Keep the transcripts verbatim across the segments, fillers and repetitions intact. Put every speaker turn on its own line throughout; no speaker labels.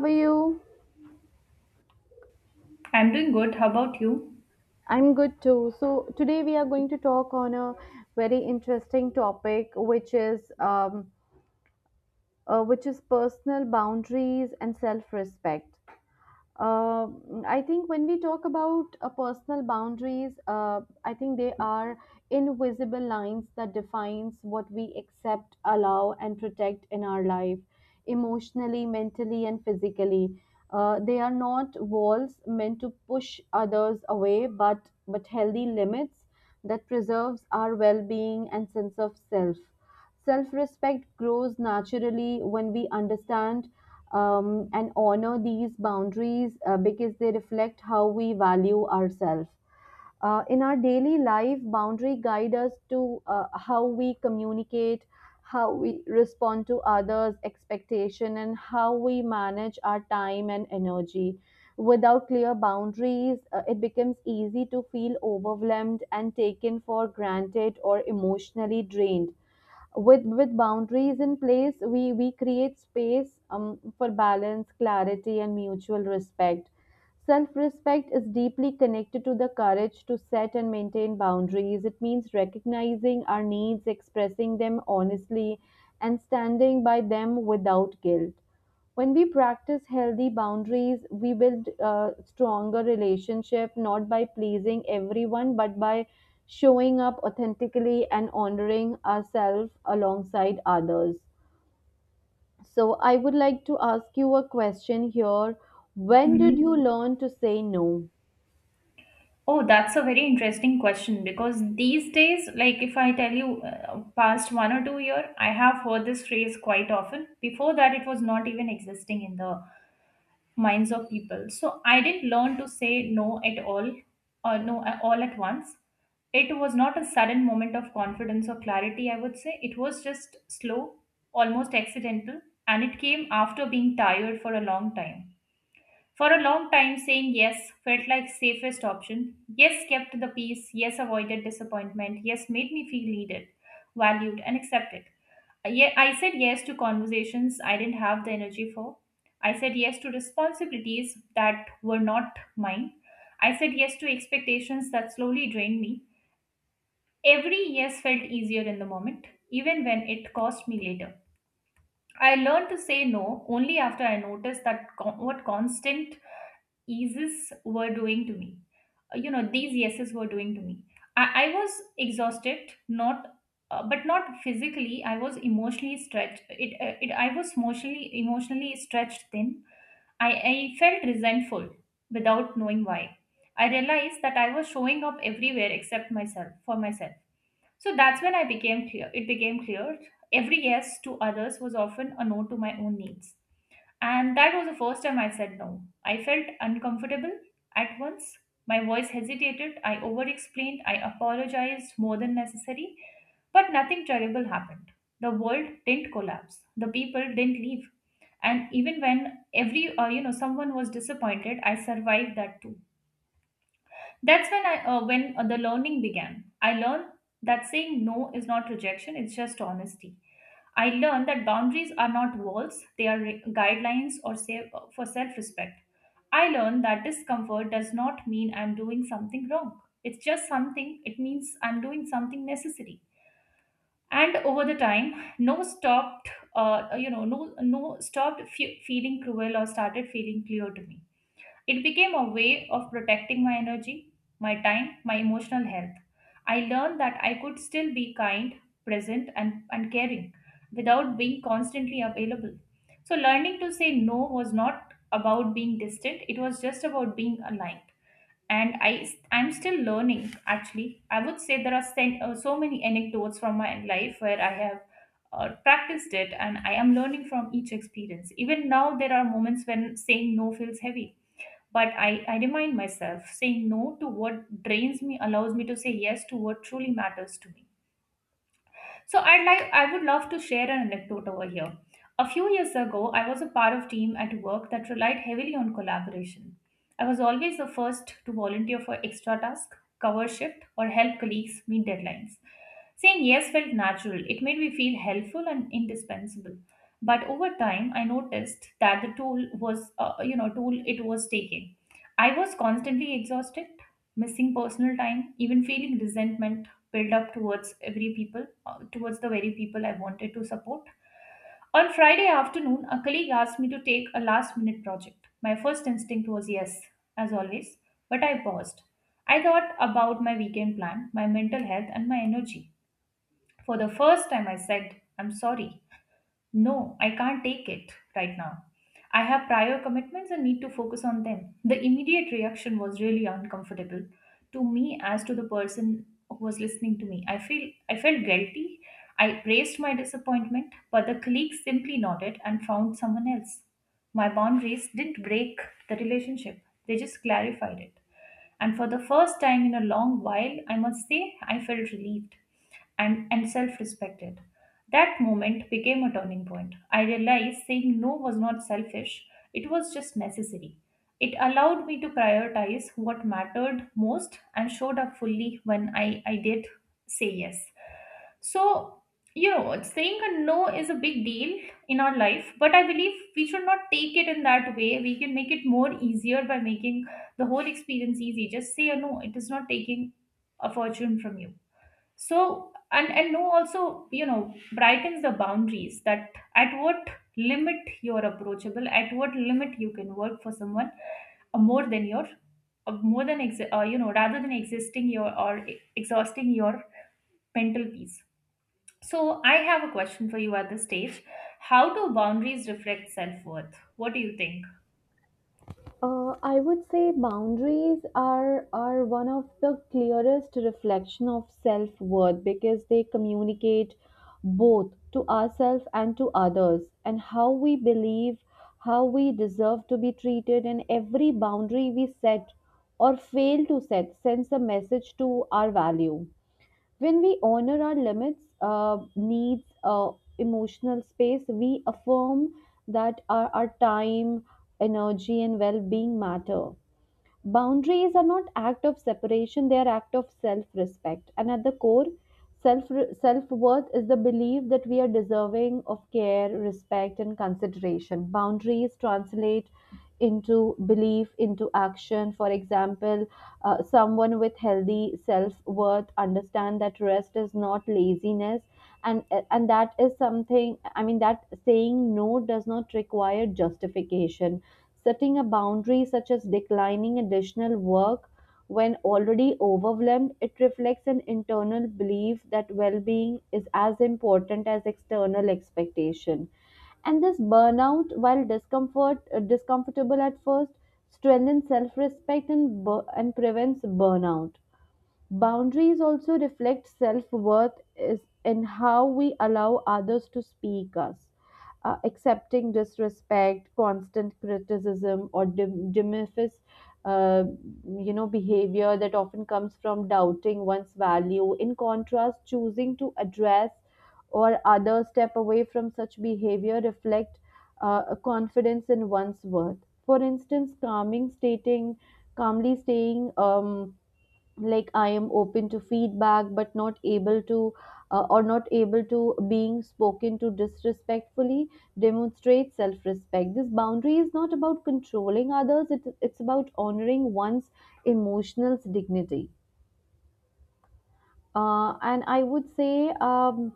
How are you?
I'm doing good. How about you?
I'm good too. So today we are going to talk on a very interesting topic, which is um, uh, which is personal boundaries and self-respect. uh, I think when we talk about uh, personal boundaries, uh, I think they are invisible lines that defines what we accept, allow, and protect in our life, emotionally, mentally, and physically. Uh, they are not walls meant to push others away, but but healthy limits that preserves our well-being and sense of self. Self respect grows naturally when we understand um, and honor these boundaries uh, because they reflect how we value ourselves. Uh, in our daily life, boundary guide us to uh, how we communicate, how we respond to others' expectation, and how we manage our time and energy. Without clear boundaries, uh, it becomes easy to feel overwhelmed and taken for granted or emotionally drained. With with boundaries in place, we we create space um, for balance, clarity, and mutual respect. Self respect is deeply connected to the courage to set and maintain boundaries. It means recognizing our needs, expressing them honestly, and standing by them without guilt. When we practice healthy boundaries, we build a stronger relationship, not by pleasing everyone, but by showing up authentically and honoring ourselves alongside others. So, I would like to ask you a question here. When did
Mhm.
you learn to say no?
Oh, that's a very interesting question because these days, like if I tell you uh, past one or two year, I have heard this phrase quite often. Before that, it was not even existing in the minds of people. So I didn't learn to say no at all or no a- all at once. It was not a sudden moment of confidence or clarity, I would say. It was just slow, almost accidental, and it came after being tired for a long time. For a long time, saying yes felt like safest option. Yes kept the peace, yes avoided disappointment, yes made me feel needed, valued, and accepted. Uh, Yeah, I said yes to conversations I didn't have the energy for. I said yes to responsibilities that were not mine. I said yes to expectations that slowly drained me. Every yes felt easier in the moment, even when it cost me later. I learned to say no only after I noticed that co- what constant yeses were doing to me. Uh, You know, these yeses were doing to me. I, I was exhausted, not uh, but not physically. I was emotionally stretched. It, uh, it I was emotionally emotionally stretched thin. I, I felt resentful without knowing why. I realized that I was showing up everywhere except myself for myself. So that's when I became clear. It became clear every yes to others was often a no to my own needs. And that was the first time I said no. I felt uncomfortable at once. My voice hesitated. I over explained. I apologized more than necessary. But nothing terrible happened. The world didn't collapse. The people didn't leave. And even when every, uh, you know, someone was disappointed, I survived that too. That's when I, uh, when uh, the learning began. I learned that saying no is not rejection; it's just honesty. I learned that boundaries are not walls, they are re- guidelines or say, for self respect. I learned that discomfort does not mean I'm doing something wrong. It's just something, it means I'm doing something necessary. And over the time, no stopped, uh, you know, no, no stopped fe- feeling cruel or started feeling clear to me. It became a way of protecting my energy, my time, my emotional health. I learned that I could still be kind, present, and, and caring without being constantly available. So, learning to say no was not about being distant, it was just about being aligned. And I, I'm still learning actually. I would say there are sen- uh, so many anecdotes from my life where I have uh, practiced it and I am learning from each experience. Even now, there are moments when saying no feels heavy, but I, I remind myself saying no to what drains me allows me to say yes to what truly matters to me. So I'd like I would love to share an anecdote over here. A few years ago, I was a part of team at work that relied heavily on collaboration. I was always the first to volunteer for extra task, cover shift, or help colleagues meet deadlines. Saying yes felt natural. It made me feel helpful and indispensable. But over time, I noticed that the tool was, uh, you know, tool it was taking. I was constantly exhausted, missing personal time, even feeling resentment build up towards every people, uh, towards the very people I wanted to support. On Friday afternoon, a colleague asked me to take a last minute project. My first instinct was yes, as always, but I paused. I thought about my weekend plan, my mental health, and my energy. For the first time, I said, "I'm sorry. No, I can't take it right now. I have prior commitments and need to focus on them." The immediate reaction was really uncomfortable to me as to the person who was listening to me. I feel I felt guilty. I raised my disappointment, but the colleague simply nodded and found someone else. My boundaries didn't break the relationship. They just clarified it. And for the first time in a long while, I must say, I felt relieved and, and self respected. That moment became a turning point. I realized saying no was not selfish, it was just necessary. It allowed me to prioritize what mattered most and showed up fully when I, I did say yes. So, you know, saying a no is a big deal in our life, but I believe we should not take it in that way. We can make it more easier by making the whole experience easy. Just say a no, it is not taking a fortune from you. So, and, and no also, you know, brightens the boundaries that at what limit you're approachable, at what limit you can work for someone uh, more than your, uh, more than, ex- uh, you know, rather than existing your or exhausting your mental peace. So, I have a question for you at this stage. How do boundaries reflect self worth? What do you think?
Uh, I would say boundaries are are one of the clearest reflection of self worth because they communicate both to ourselves and to others and how we believe, how we deserve to be treated, and every boundary we set or fail to set sends a message to our value. When we honor our limits, uh, needs, uh, emotional space, we affirm that our, our time, energy, and well being matter. Boundaries are not act of separation, they are act of self-respect. And at the core, self self-worth is the belief that we are deserving of care, respect and consideration. Boundaries translate into belief into action. For example, uh, someone with healthy self worth understand that rest is not laziness, and and that is something, I mean, that saying no does not require justification. Setting a boundary such as declining additional work when already overwhelmed, it reflects an internal belief that well-being is as important as external expectation. And this burnout, while discomfort uh, discomfortable at first, strengthens self-respect and, bu- and prevents burnout. Boundaries also reflect self worth is in how we allow others to speak us. Uh, accepting disrespect, constant criticism, or dim- diminish, uh, you know, behavior that often comes from doubting one's value. In contrast, choosing to address or others step away from such behavior reflect uh, a confidence in one's worth. For instance, calming, stating, calmly saying, Um, like I am open to feedback but not able to uh, or not able to being spoken to disrespectfully, demonstrate self respect. This boundary is not about controlling others, it, it's about honoring one's emotional dignity. Uh, and I would say um,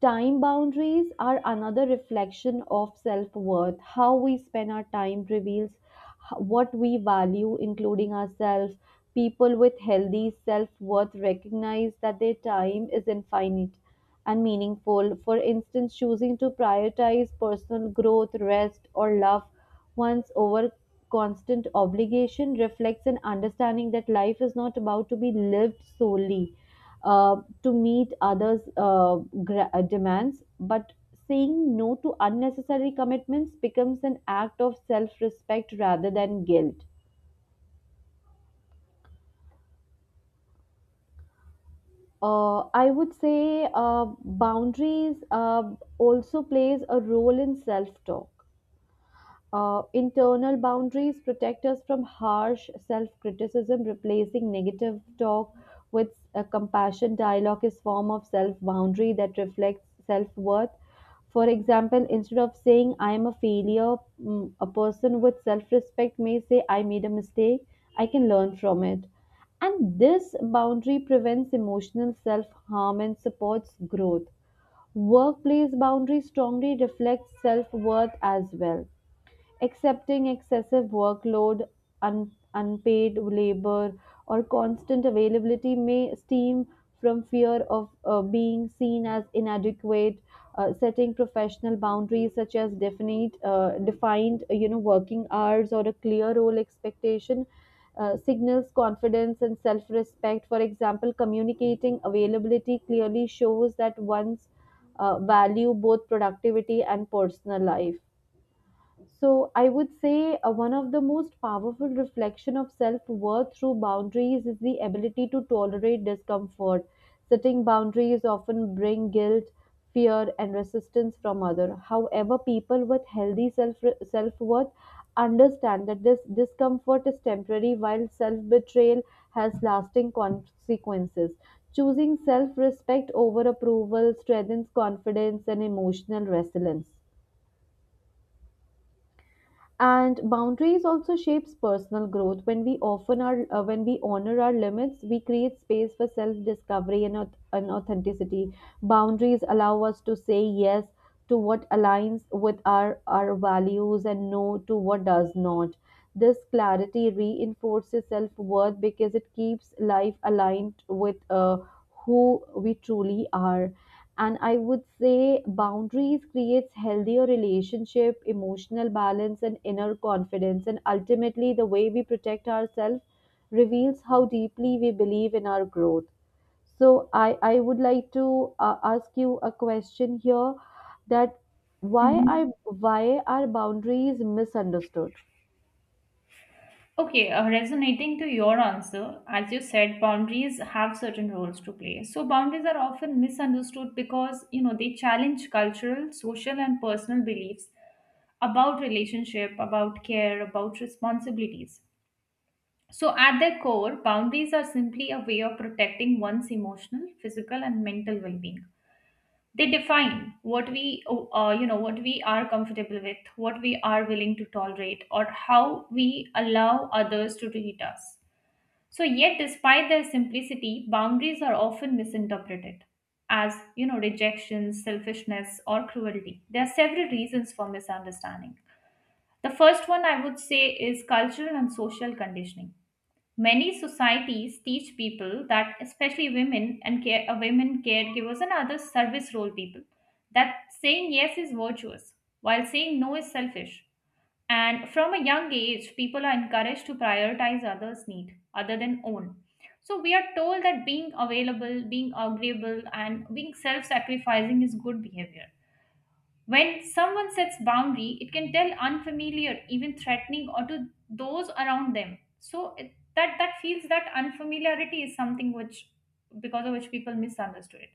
time boundaries are another reflection of self worth. How we spend our time reveals h- what we value, including ourselves. People with healthy self worth recognize that their time is infinite and meaningful. For instance, choosing to prioritize personal growth, rest, or love once over constant obligation reflects an understanding that life is not about to be lived solely uh, to meet others' uh, gra- uh, demands, but saying no to unnecessary commitments becomes an act of self respect rather than guilt. Uh, I would say uh, boundaries uh, also plays a role in self talk. Uh, internal boundaries protect us from harsh self criticism, replacing negative talk with a compassion dialogue is form of self boundary that reflects self worth. For example, instead of saying I am a failure, mm, a person with self respect may say I made a mistake, I can learn from it. And this boundary prevents emotional self harm and supports growth. Workplace boundary strongly reflects self worth as well. Accepting excessive workload, un- unpaid labor, or constant availability may stem from fear of uh, being seen as inadequate. Uh, setting professional boundaries such as definite, uh, defined, you know, working hours or a clear role expectation uh, signals confidence and self respect. For example, communicating availability clearly shows that one's uh, value both productivity and personal life. So I would say uh, one of the most powerful reflection of self-worth through boundaries is the ability to tolerate discomfort. Setting boundaries often bring guilt, fear and resistance from other. However, people with healthy self self-worth understand that this discomfort is temporary while self-betrayal has lasting consequences. Choosing self-respect over approval strengthens confidence and emotional resilience. And boundaries also shapes personal growth. When we often are uh, when we honor our limits, we create space for self discovery and, auth- and authenticity. Boundaries allow us to say yes to what aligns with our our values and no to what does not. This clarity reinforces self worth because it keeps life aligned with uh, who we truly are. And I would say boundaries creates healthier relationship, emotional balance, and inner confidence, and ultimately the way we protect ourselves reveals how deeply we believe in our growth. So i i would like to uh, ask you a question here, that why
Mhm.
are why are boundaries misunderstood?
Okay, uh, resonating to your answer, as you said, boundaries have certain roles to play. So boundaries are often misunderstood because, you know, they challenge cultural, social, and personal beliefs about relationship, about care, about responsibilities. So at their core, boundaries are simply a way of protecting one's emotional, physical, and mental well-being. They define what we uh, you know what we are comfortable with, what we are willing to tolerate, or how we allow others to treat us. So yet despite their simplicity, boundaries are often misinterpreted as, you know, rejection, selfishness, or cruelty. There are several reasons for misunderstanding. The first one, I would say, is cultural and social conditioning. Many societies teach people, that, especially women and care, uh, women caregivers and other service role people, that saying yes is virtuous, while saying no is selfish. And from a young age, people are encouraged to prioritize others' need other than own. So we are told that being available, being agreeable, and being self-sacrificing is good behavior. When someone sets boundary, it can tell unfamiliar, even threatening, or to those around them. So it, that that feels that unfamiliarity is something which, because of which people misunderstood it.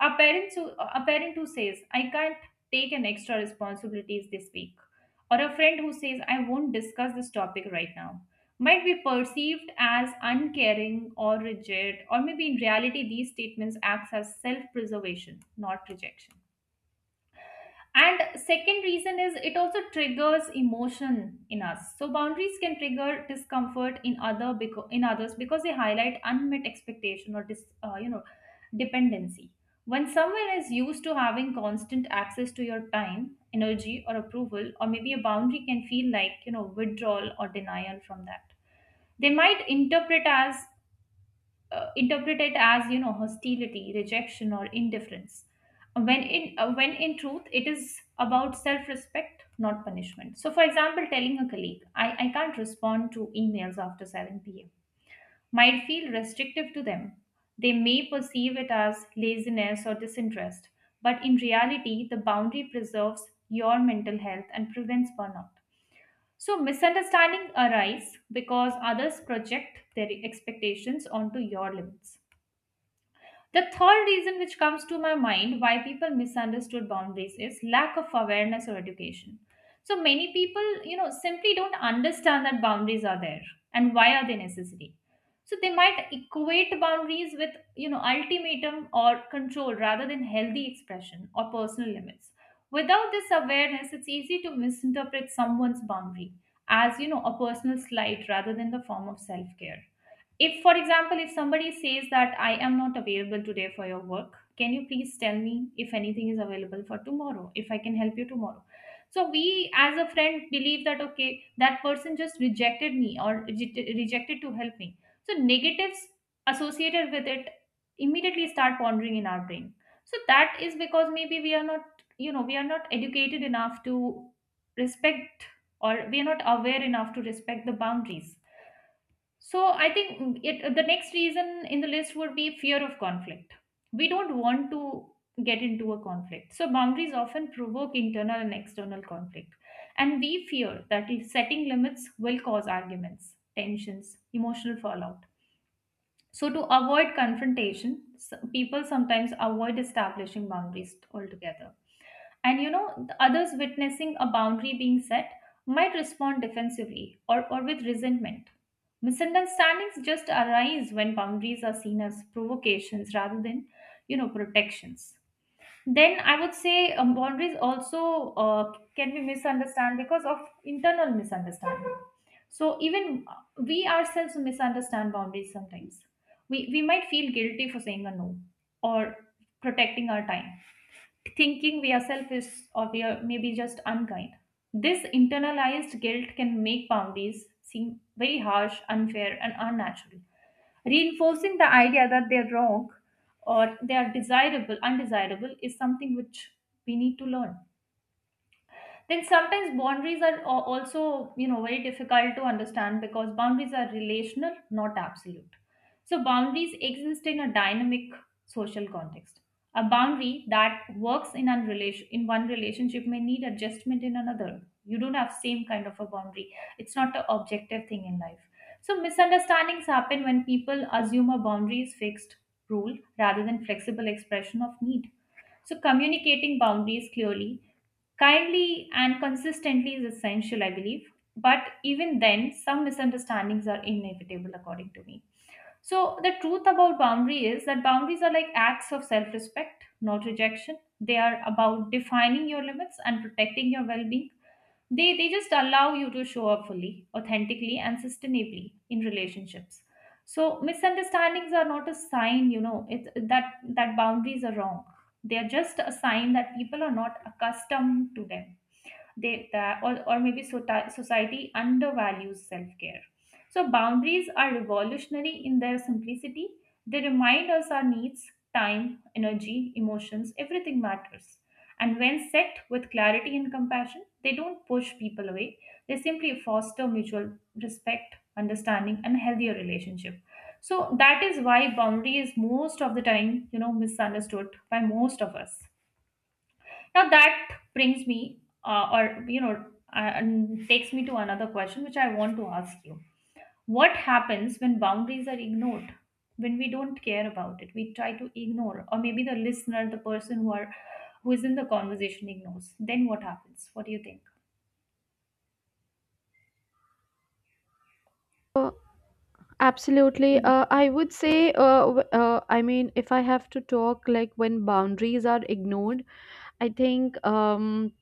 A parent who a parent who says, "I can't take an extra responsibilities this week," or a friend who says, "I won't discuss this topic right now," might be perceived as uncaring or rigid, or maybe in reality, these statements acts as self-preservation, not rejection. And second reason is it also triggers emotion in us. So boundaries can trigger discomfort in other because in others because they highlight unmet expectation or dis, uh, you know dependency. When someone is used to having constant access to your time, energy, or approval, or maybe a boundary can feel like, you know, withdrawal or denial from that. They might interpret as uh, interpret it as, you know, hostility, rejection, or indifference, when in uh, when in truth it is about self respect, not punishment. So for example, telling a colleague i i can't respond to emails after seven p m might feel restrictive to them. They may perceive it as laziness or disinterest, but in reality the boundary preserves your mental health and prevents burnout. So misunderstanding arise because others project their expectations onto your limits. The third reason which comes to my mind why people misunderstood boundaries is lack of awareness or education. So many people, you know, simply don't understand that boundaries are there and why are they necessary. So they might equate boundaries with, you know, ultimatum or control rather than healthy expression or personal limits. Without this awareness, it's easy to misinterpret someone's boundary as, you know, a personal slight rather than the form of self-care. If, for example, if somebody says that, "I am not available today for your work, can you please tell me if anything is available for tomorrow, if I can help you tomorrow?" So, we as a friend believe that, okay, that person just rejected me or reje- rejected to help me. So, negatives associated with it immediately start pondering in our brain. So, that is because maybe we are not, you know, we are not educated enough to respect, or we are not aware enough to respect the boundaries. So I think it the next reason in the list would be fear of conflict. We don't want to get into a conflict. So boundaries often provoke internal and external conflict. And we fear that if setting limits will cause arguments, tensions, emotional fallout. So to avoid confrontation, s- people sometimes avoid establishing boundaries altogether and you know the others witnessing a boundary being set might respond defensively or, or with resentment. Misunderstandings just arise when boundaries are seen as provocations rather than you know protections. Then I would say um, boundaries also uh, can be misunderstood because of internal misunderstanding. So even we ourselves misunderstand boundaries sometimes. We, we might feel guilty for saying a no or protecting our time, thinking we ourselves is or we are maybe just unkind. This internalized guilt can make boundaries seem very harsh, unfair, and unnatural, reinforcing the idea that they're wrong, or they are desirable, undesirable is something which we need to learn. Then sometimes boundaries are a- also, you know very difficult to understand because boundaries are relational, not absolute. So boundaries exist in a dynamic social context. A boundary that works in an relation in one relationship may need adjustment in another. You don't have same kind of a boundary. It's not an objective thing in life. So misunderstandings happen when people assume a boundary is fixed rule rather than flexible expression of need. So communicating boundaries clearly, kindly and consistently is essential, I believe. But even then, some misunderstandings are inevitable, according to me. So, the truth about boundary is that boundaries are like acts of self respect, not rejection. They are about defining your limits and protecting your well being. They, they just allow you to show up fully, authentically, and sustainably in relationships. So misunderstandings are not a sign, you know, it's that that boundaries are wrong. They are just a sign that people are not accustomed to them, they that or, or maybe sota- society undervalues self-care. So boundaries are revolutionary in their simplicity. They remind us our needs, time, energy, emotions, everything matters. And when set with clarity and compassion, they don't push people away. They simply foster mutual respect, understanding and healthier relationship. So that is why boundary is most of the time, you know, misunderstood by most of us. Now that brings me, uh, or you know, uh, and takes me to another question which I want to ask you. What happens when boundaries are ignored? When we don't care about it, we try to ignore, or maybe the listener, the person who are who is in the conversation ignores. Then what happens? What do you think?
Uh, absolutely.
Yeah.
Uh, I would say, uh, w- uh, I mean, if I have to talk, like when boundaries are ignored, I think um,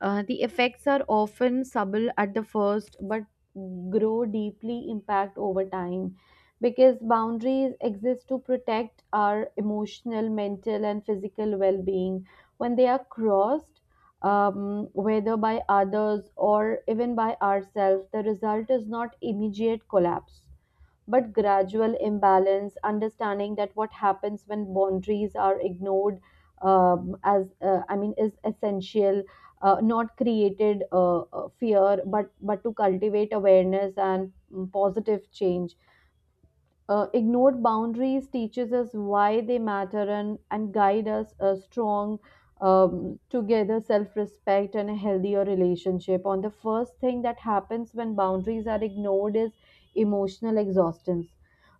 uh, the effects are often subtle at the first, but grow deeply impact over time because boundaries exist to protect our emotional, mental, and physical well being. When they are crossed, um, whether by others or even by ourselves, the result is not immediate collapse but gradual imbalance. Understanding that what happens when boundaries are ignored um, as uh, I mean is essential, uh, not created uh, uh, fear, but but to cultivate awareness and mm, positive change. Uh, ignored boundaries teaches us why they matter and, and guide us a strong um, together self-respect and a healthier relationship. On the first thing that happens when boundaries are ignored is emotional exhaustion.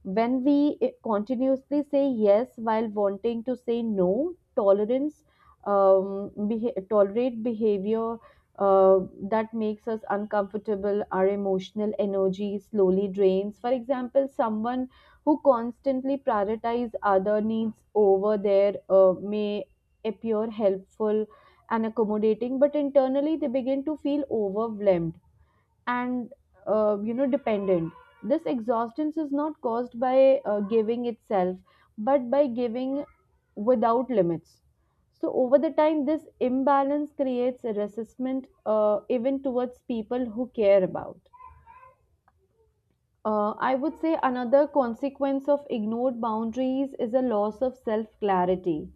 When we eh, continuously say yes while wanting to say no, tolerance, um, beha- tolerate behavior uh, that makes us uncomfortable. Our emotional energy slowly drains. For example, someone who constantly prioritize other needs over their uh, may appear helpful and accommodating, but internally they begin to feel overwhelmed and uh, you know dependent. This exhaustion is not caused by uh, giving itself, but by giving without limits. So over the time, this imbalance creates a resistment uh, even towards people who care about. Uh, I would say another consequence of ignored boundaries is a loss of self clarity.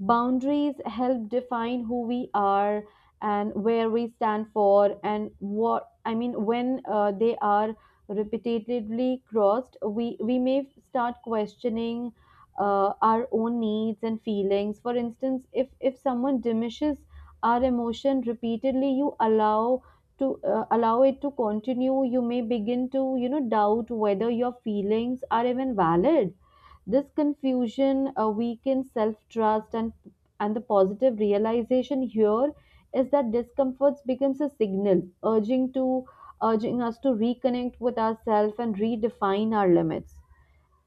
Boundaries help define who we are and where we stand for, and what I mean, when uh, they are repetitively crossed, we, we may start questioning uh, our own needs and feelings. For instance, if, if someone diminishes our emotion repeatedly, you allow to uh, allow it to continue, you may begin to you know doubt whether your feelings are even valid. This confusion uh, weakens self trust, and, and the positive realization here is that discomforts becomes a signal urging to urging us to reconnect with ourselves and redefine our limits.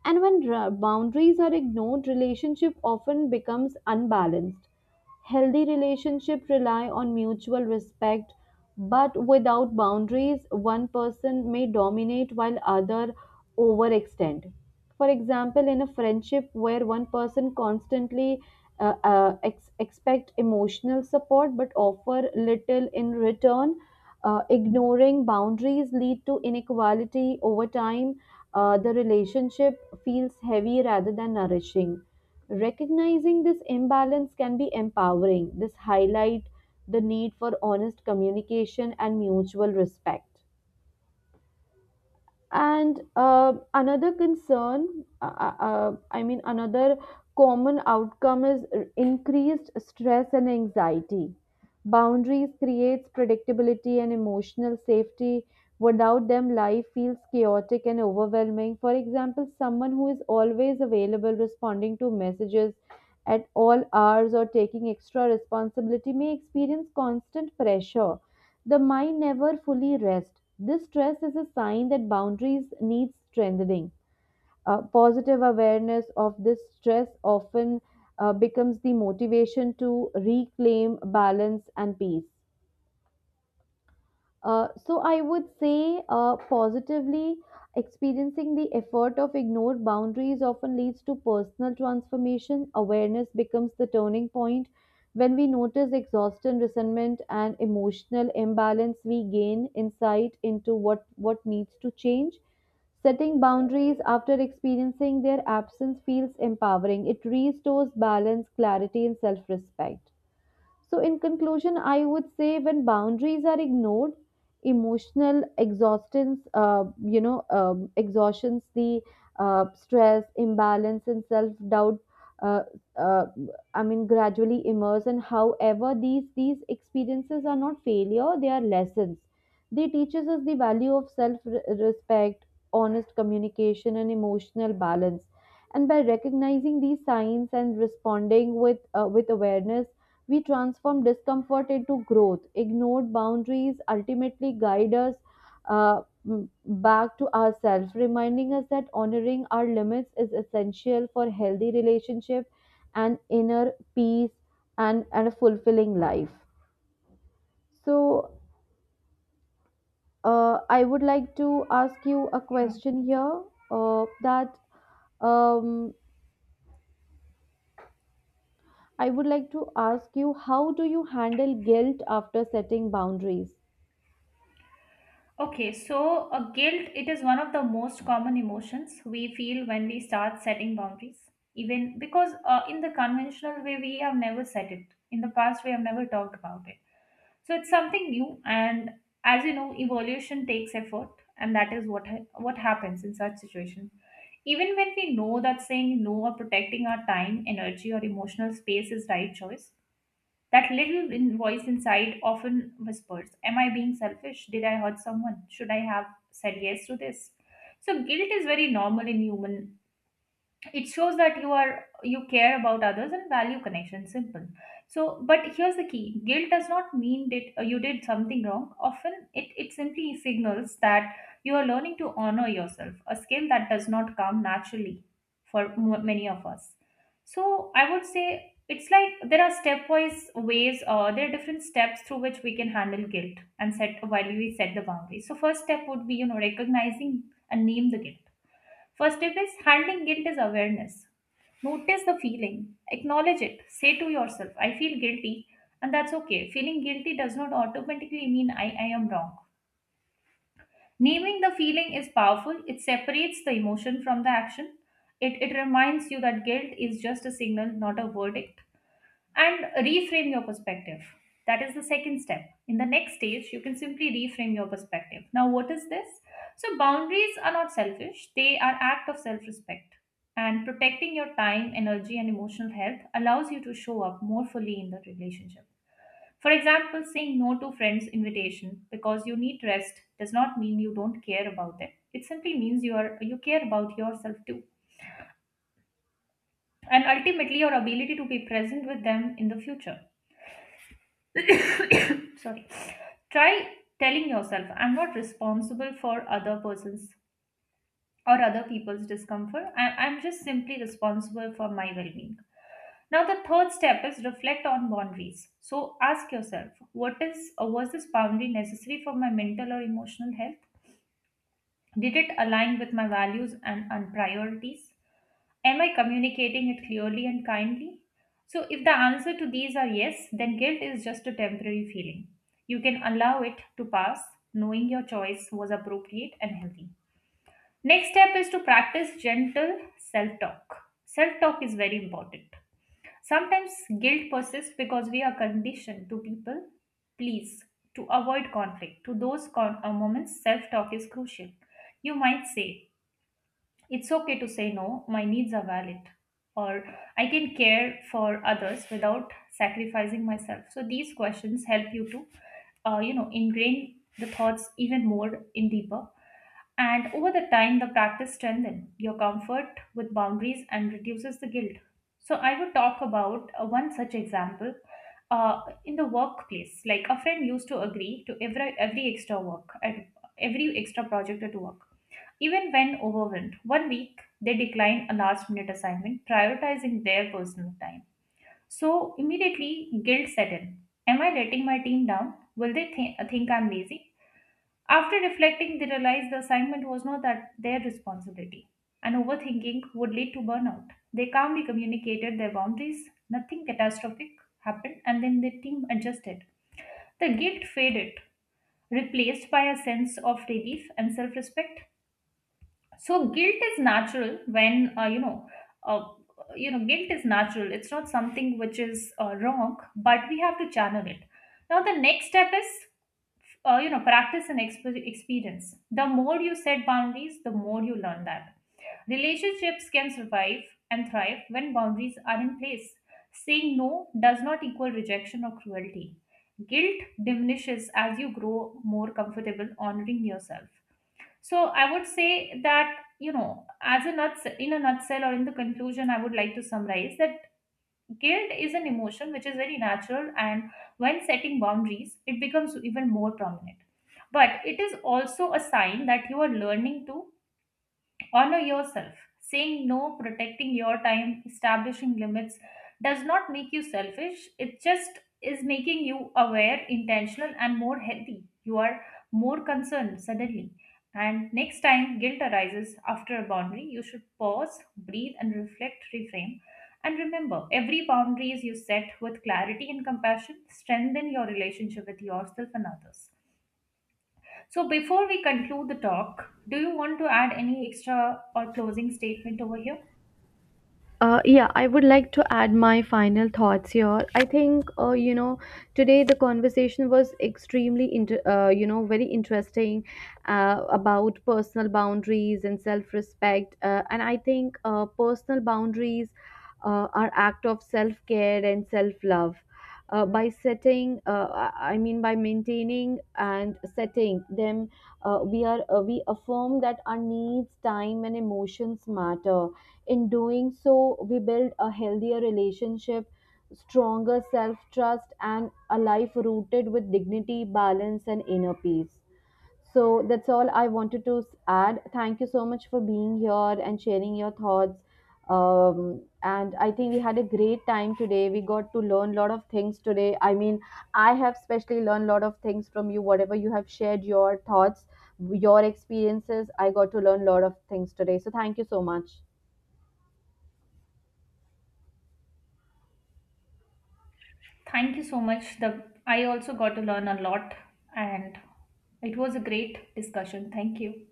And when ra- boundaries are ignored, relationship often becomes unbalanced. Healthy relationships rely on mutual respect, but without boundaries, one person may dominate while other overextend. For example, in a friendship where one person constantly uh, uh, ex- expect emotional support but offer little in return, uh, ignoring boundaries lead to inequality over time. Uh, the relationship feels heavy rather than nourishing. Recognizing this imbalance can be empowering. This highlight the need for honest communication and mutual respect. And uh, another concern, uh, uh, uh, I mean, another common outcome is increased stress and anxiety. Boundaries creates predictability and emotional safety. Without them, life feels chaotic and overwhelming. For example, someone who is always available, responding to messages at all hours, or taking extra responsibility may experience constant pressure. The mind never fully rests. This stress is a sign that boundaries need strengthening. Uh, positive awareness of this stress often uh, becomes the motivation to reclaim balance and peace. Uh, so I would say uh, positively experiencing the effort of ignored boundaries often leads to personal transformation. Awareness becomes the turning point. When we notice exhaustion, resentment, and emotional imbalance, we gain insight into what, what needs to change. Setting boundaries after experiencing their absence feels empowering. It restores balance, clarity, and self respect. So, in conclusion, I would say when boundaries are ignored, emotional exhaustions, uh, you know, um, exhaustions, the uh, stress, imbalance, and self doubt. Uh, uh, I mean, gradually immerse, and however, these these experiences are not failure; they are lessons. They teaches us the value of self respect, honest communication, and emotional balance. And by recognizing these signs and responding with uh, with awareness, we transform discomfort into growth. Ignored boundaries ultimately guide us uh, m- back to ourselves, reminding us that honoring our limits is essential for healthy relationship and inner peace and, and a fulfilling life. So, uh, I would like to ask you a
Yeah.
question here. Uh, that, um, I would like to ask you, how do you handle guilt after setting boundaries?
Okay, so uh, guilt, it is one of the most common emotions we feel when we start setting boundaries. Even because uh, in the conventional way, we have never set it. In the past, we have never talked about it. So it's something new, and as you know, evolution takes effort, and that is what ha- what happens in such situations. Even when we know that saying no or protecting our time, energy, or emotional space is right choice, that little in- voice inside often whispers, "Am I being selfish? Did I hurt someone? Should I have said yes to this?" So guilt is very normal in human. It shows that you are you care about others and value connection, simple. So, but here's the key: guilt does not mean that uh, you did something wrong. Often it, it simply signals that you are learning to honor yourself, a skill that does not come naturally for m- many of us. So I would say it's like there are stepwise ways, or there are different steps through which we can handle guilt and set while we set the boundaries. So first step would be, you know, recognizing and name the guilt. First step is handling guilt is awareness. Notice the feeling, acknowledge it, say to yourself, I feel guilty, and that's okay. Feeling guilty does not automatically mean I, I am wrong. Naming the feeling is powerful, it separates the emotion from the action. It, it reminds you that guilt is just a signal, not a verdict, and reframe your perspective. That is the second step. In the next stage, you can simply reframe your perspective. Now, what is this? So, boundaries are not selfish, they are act of self respect. And protecting your time, energy, and emotional health allows you to show up more fully in the relationship. For example, saying no to friends' invitation because you need rest does not mean you don't care about them. It simply means you are you care about yourself too, and ultimately your ability to be present with them in the future. Sorry. Try telling yourself, I'm not responsible for other persons or other people's discomfort. I- I'm just simply responsible for my well being. Now, the third step is reflect on boundaries. So ask yourself, what is or was this boundary necessary for my mental or emotional health? Did it align with my values and, and priorities? Am I communicating it clearly and kindly? So, if the answer to these are yes, then guilt is just a temporary feeling. You can allow it to pass, knowing your choice was appropriate and healthy. Next step is to practice gentle self talk. Self talk is very important. Sometimes guilt persists because we are conditioned to people please, to avoid conflict. To those con- uh, moments, self talk is crucial. You might say, it's okay to say no, my needs are valid, or I can care for others without sacrificing myself. So these questions help you to, uh, you know, ingrain the thoughts even more in deeper. And over the time, the practice strengthens your comfort with boundaries and reduces the guilt. So I would talk about uh, one such example uh, in the workplace. Like a friend used to agree to every every extra work at every extra project at work even when overwhelmed, one week they decline a last minute assignment, prioritizing their personal time. So immediately guilt set in. Am I letting my team down? Will they thi- think I'm lazy? After reflecting, they realize the assignment was not that their responsibility. And overthinking would lead to burnout. They calmly communicated their boundaries, nothing catastrophic happened, and then the team adjusted. The guilt faded, replaced by a sense of relief and self respect. So guilt is natural when uh, you know uh, you know, guilt is natural, it's not something which is uh, wrong, but we have to channel it. Now the next step is, uh, you know, practice and exp- experience. The more you set boundaries, the more you learn that relationships can survive and thrive when boundaries are in place. Saying no does not equal rejection or cruelty. Guilt diminishes as you grow more comfortable honoring yourself. So I would say that, you know, as a nuts in a nutshell or in the conclusion, I would like to summarize that guilt is an emotion which is very natural, and when setting boundaries, it becomes even more prominent. But it is also a sign that you are learning to honor yourself. Saying no, protecting your time, establishing limits does not make you selfish. It just is making you aware, intentional, and more healthy. You are more concerned suddenly. And next time guilt arises after a boundary, you should pause, breathe, and reflect, reframe. And remember, every boundary you set with clarity and compassion strengthen your relationship with yourself and others. So before we conclude the talk, do you want to add any extra or closing statement over here?
Uh, yeah, I would like to add my final thoughts here. I think, uh, you know, today the conversation was extremely, inter- uh, you know, very interesting uh, about personal boundaries and self respect. Uh, and I think uh, personal boundaries uh, are act of self care and self love. Uh, by setting, uh, I I mean by maintaining and setting them, uh, we are uh, we affirm that our needs, time, and emotions matter. In doing so, we build a healthier relationship, stronger self trust, and a life rooted with dignity, balance, and inner peace. So that's all I wanted to add. Thank you so much for being here and sharing your thoughts. Um, and I think we had a great time today. We got to learn a lot of things today. I mean, I have especially learned a lot of things from you. Whatever you have shared, your thoughts, your experiences, I got to learn a lot of things today. So thank you so much.
Thank you so much. The I also got to learn a lot and it was a great discussion. Thank you.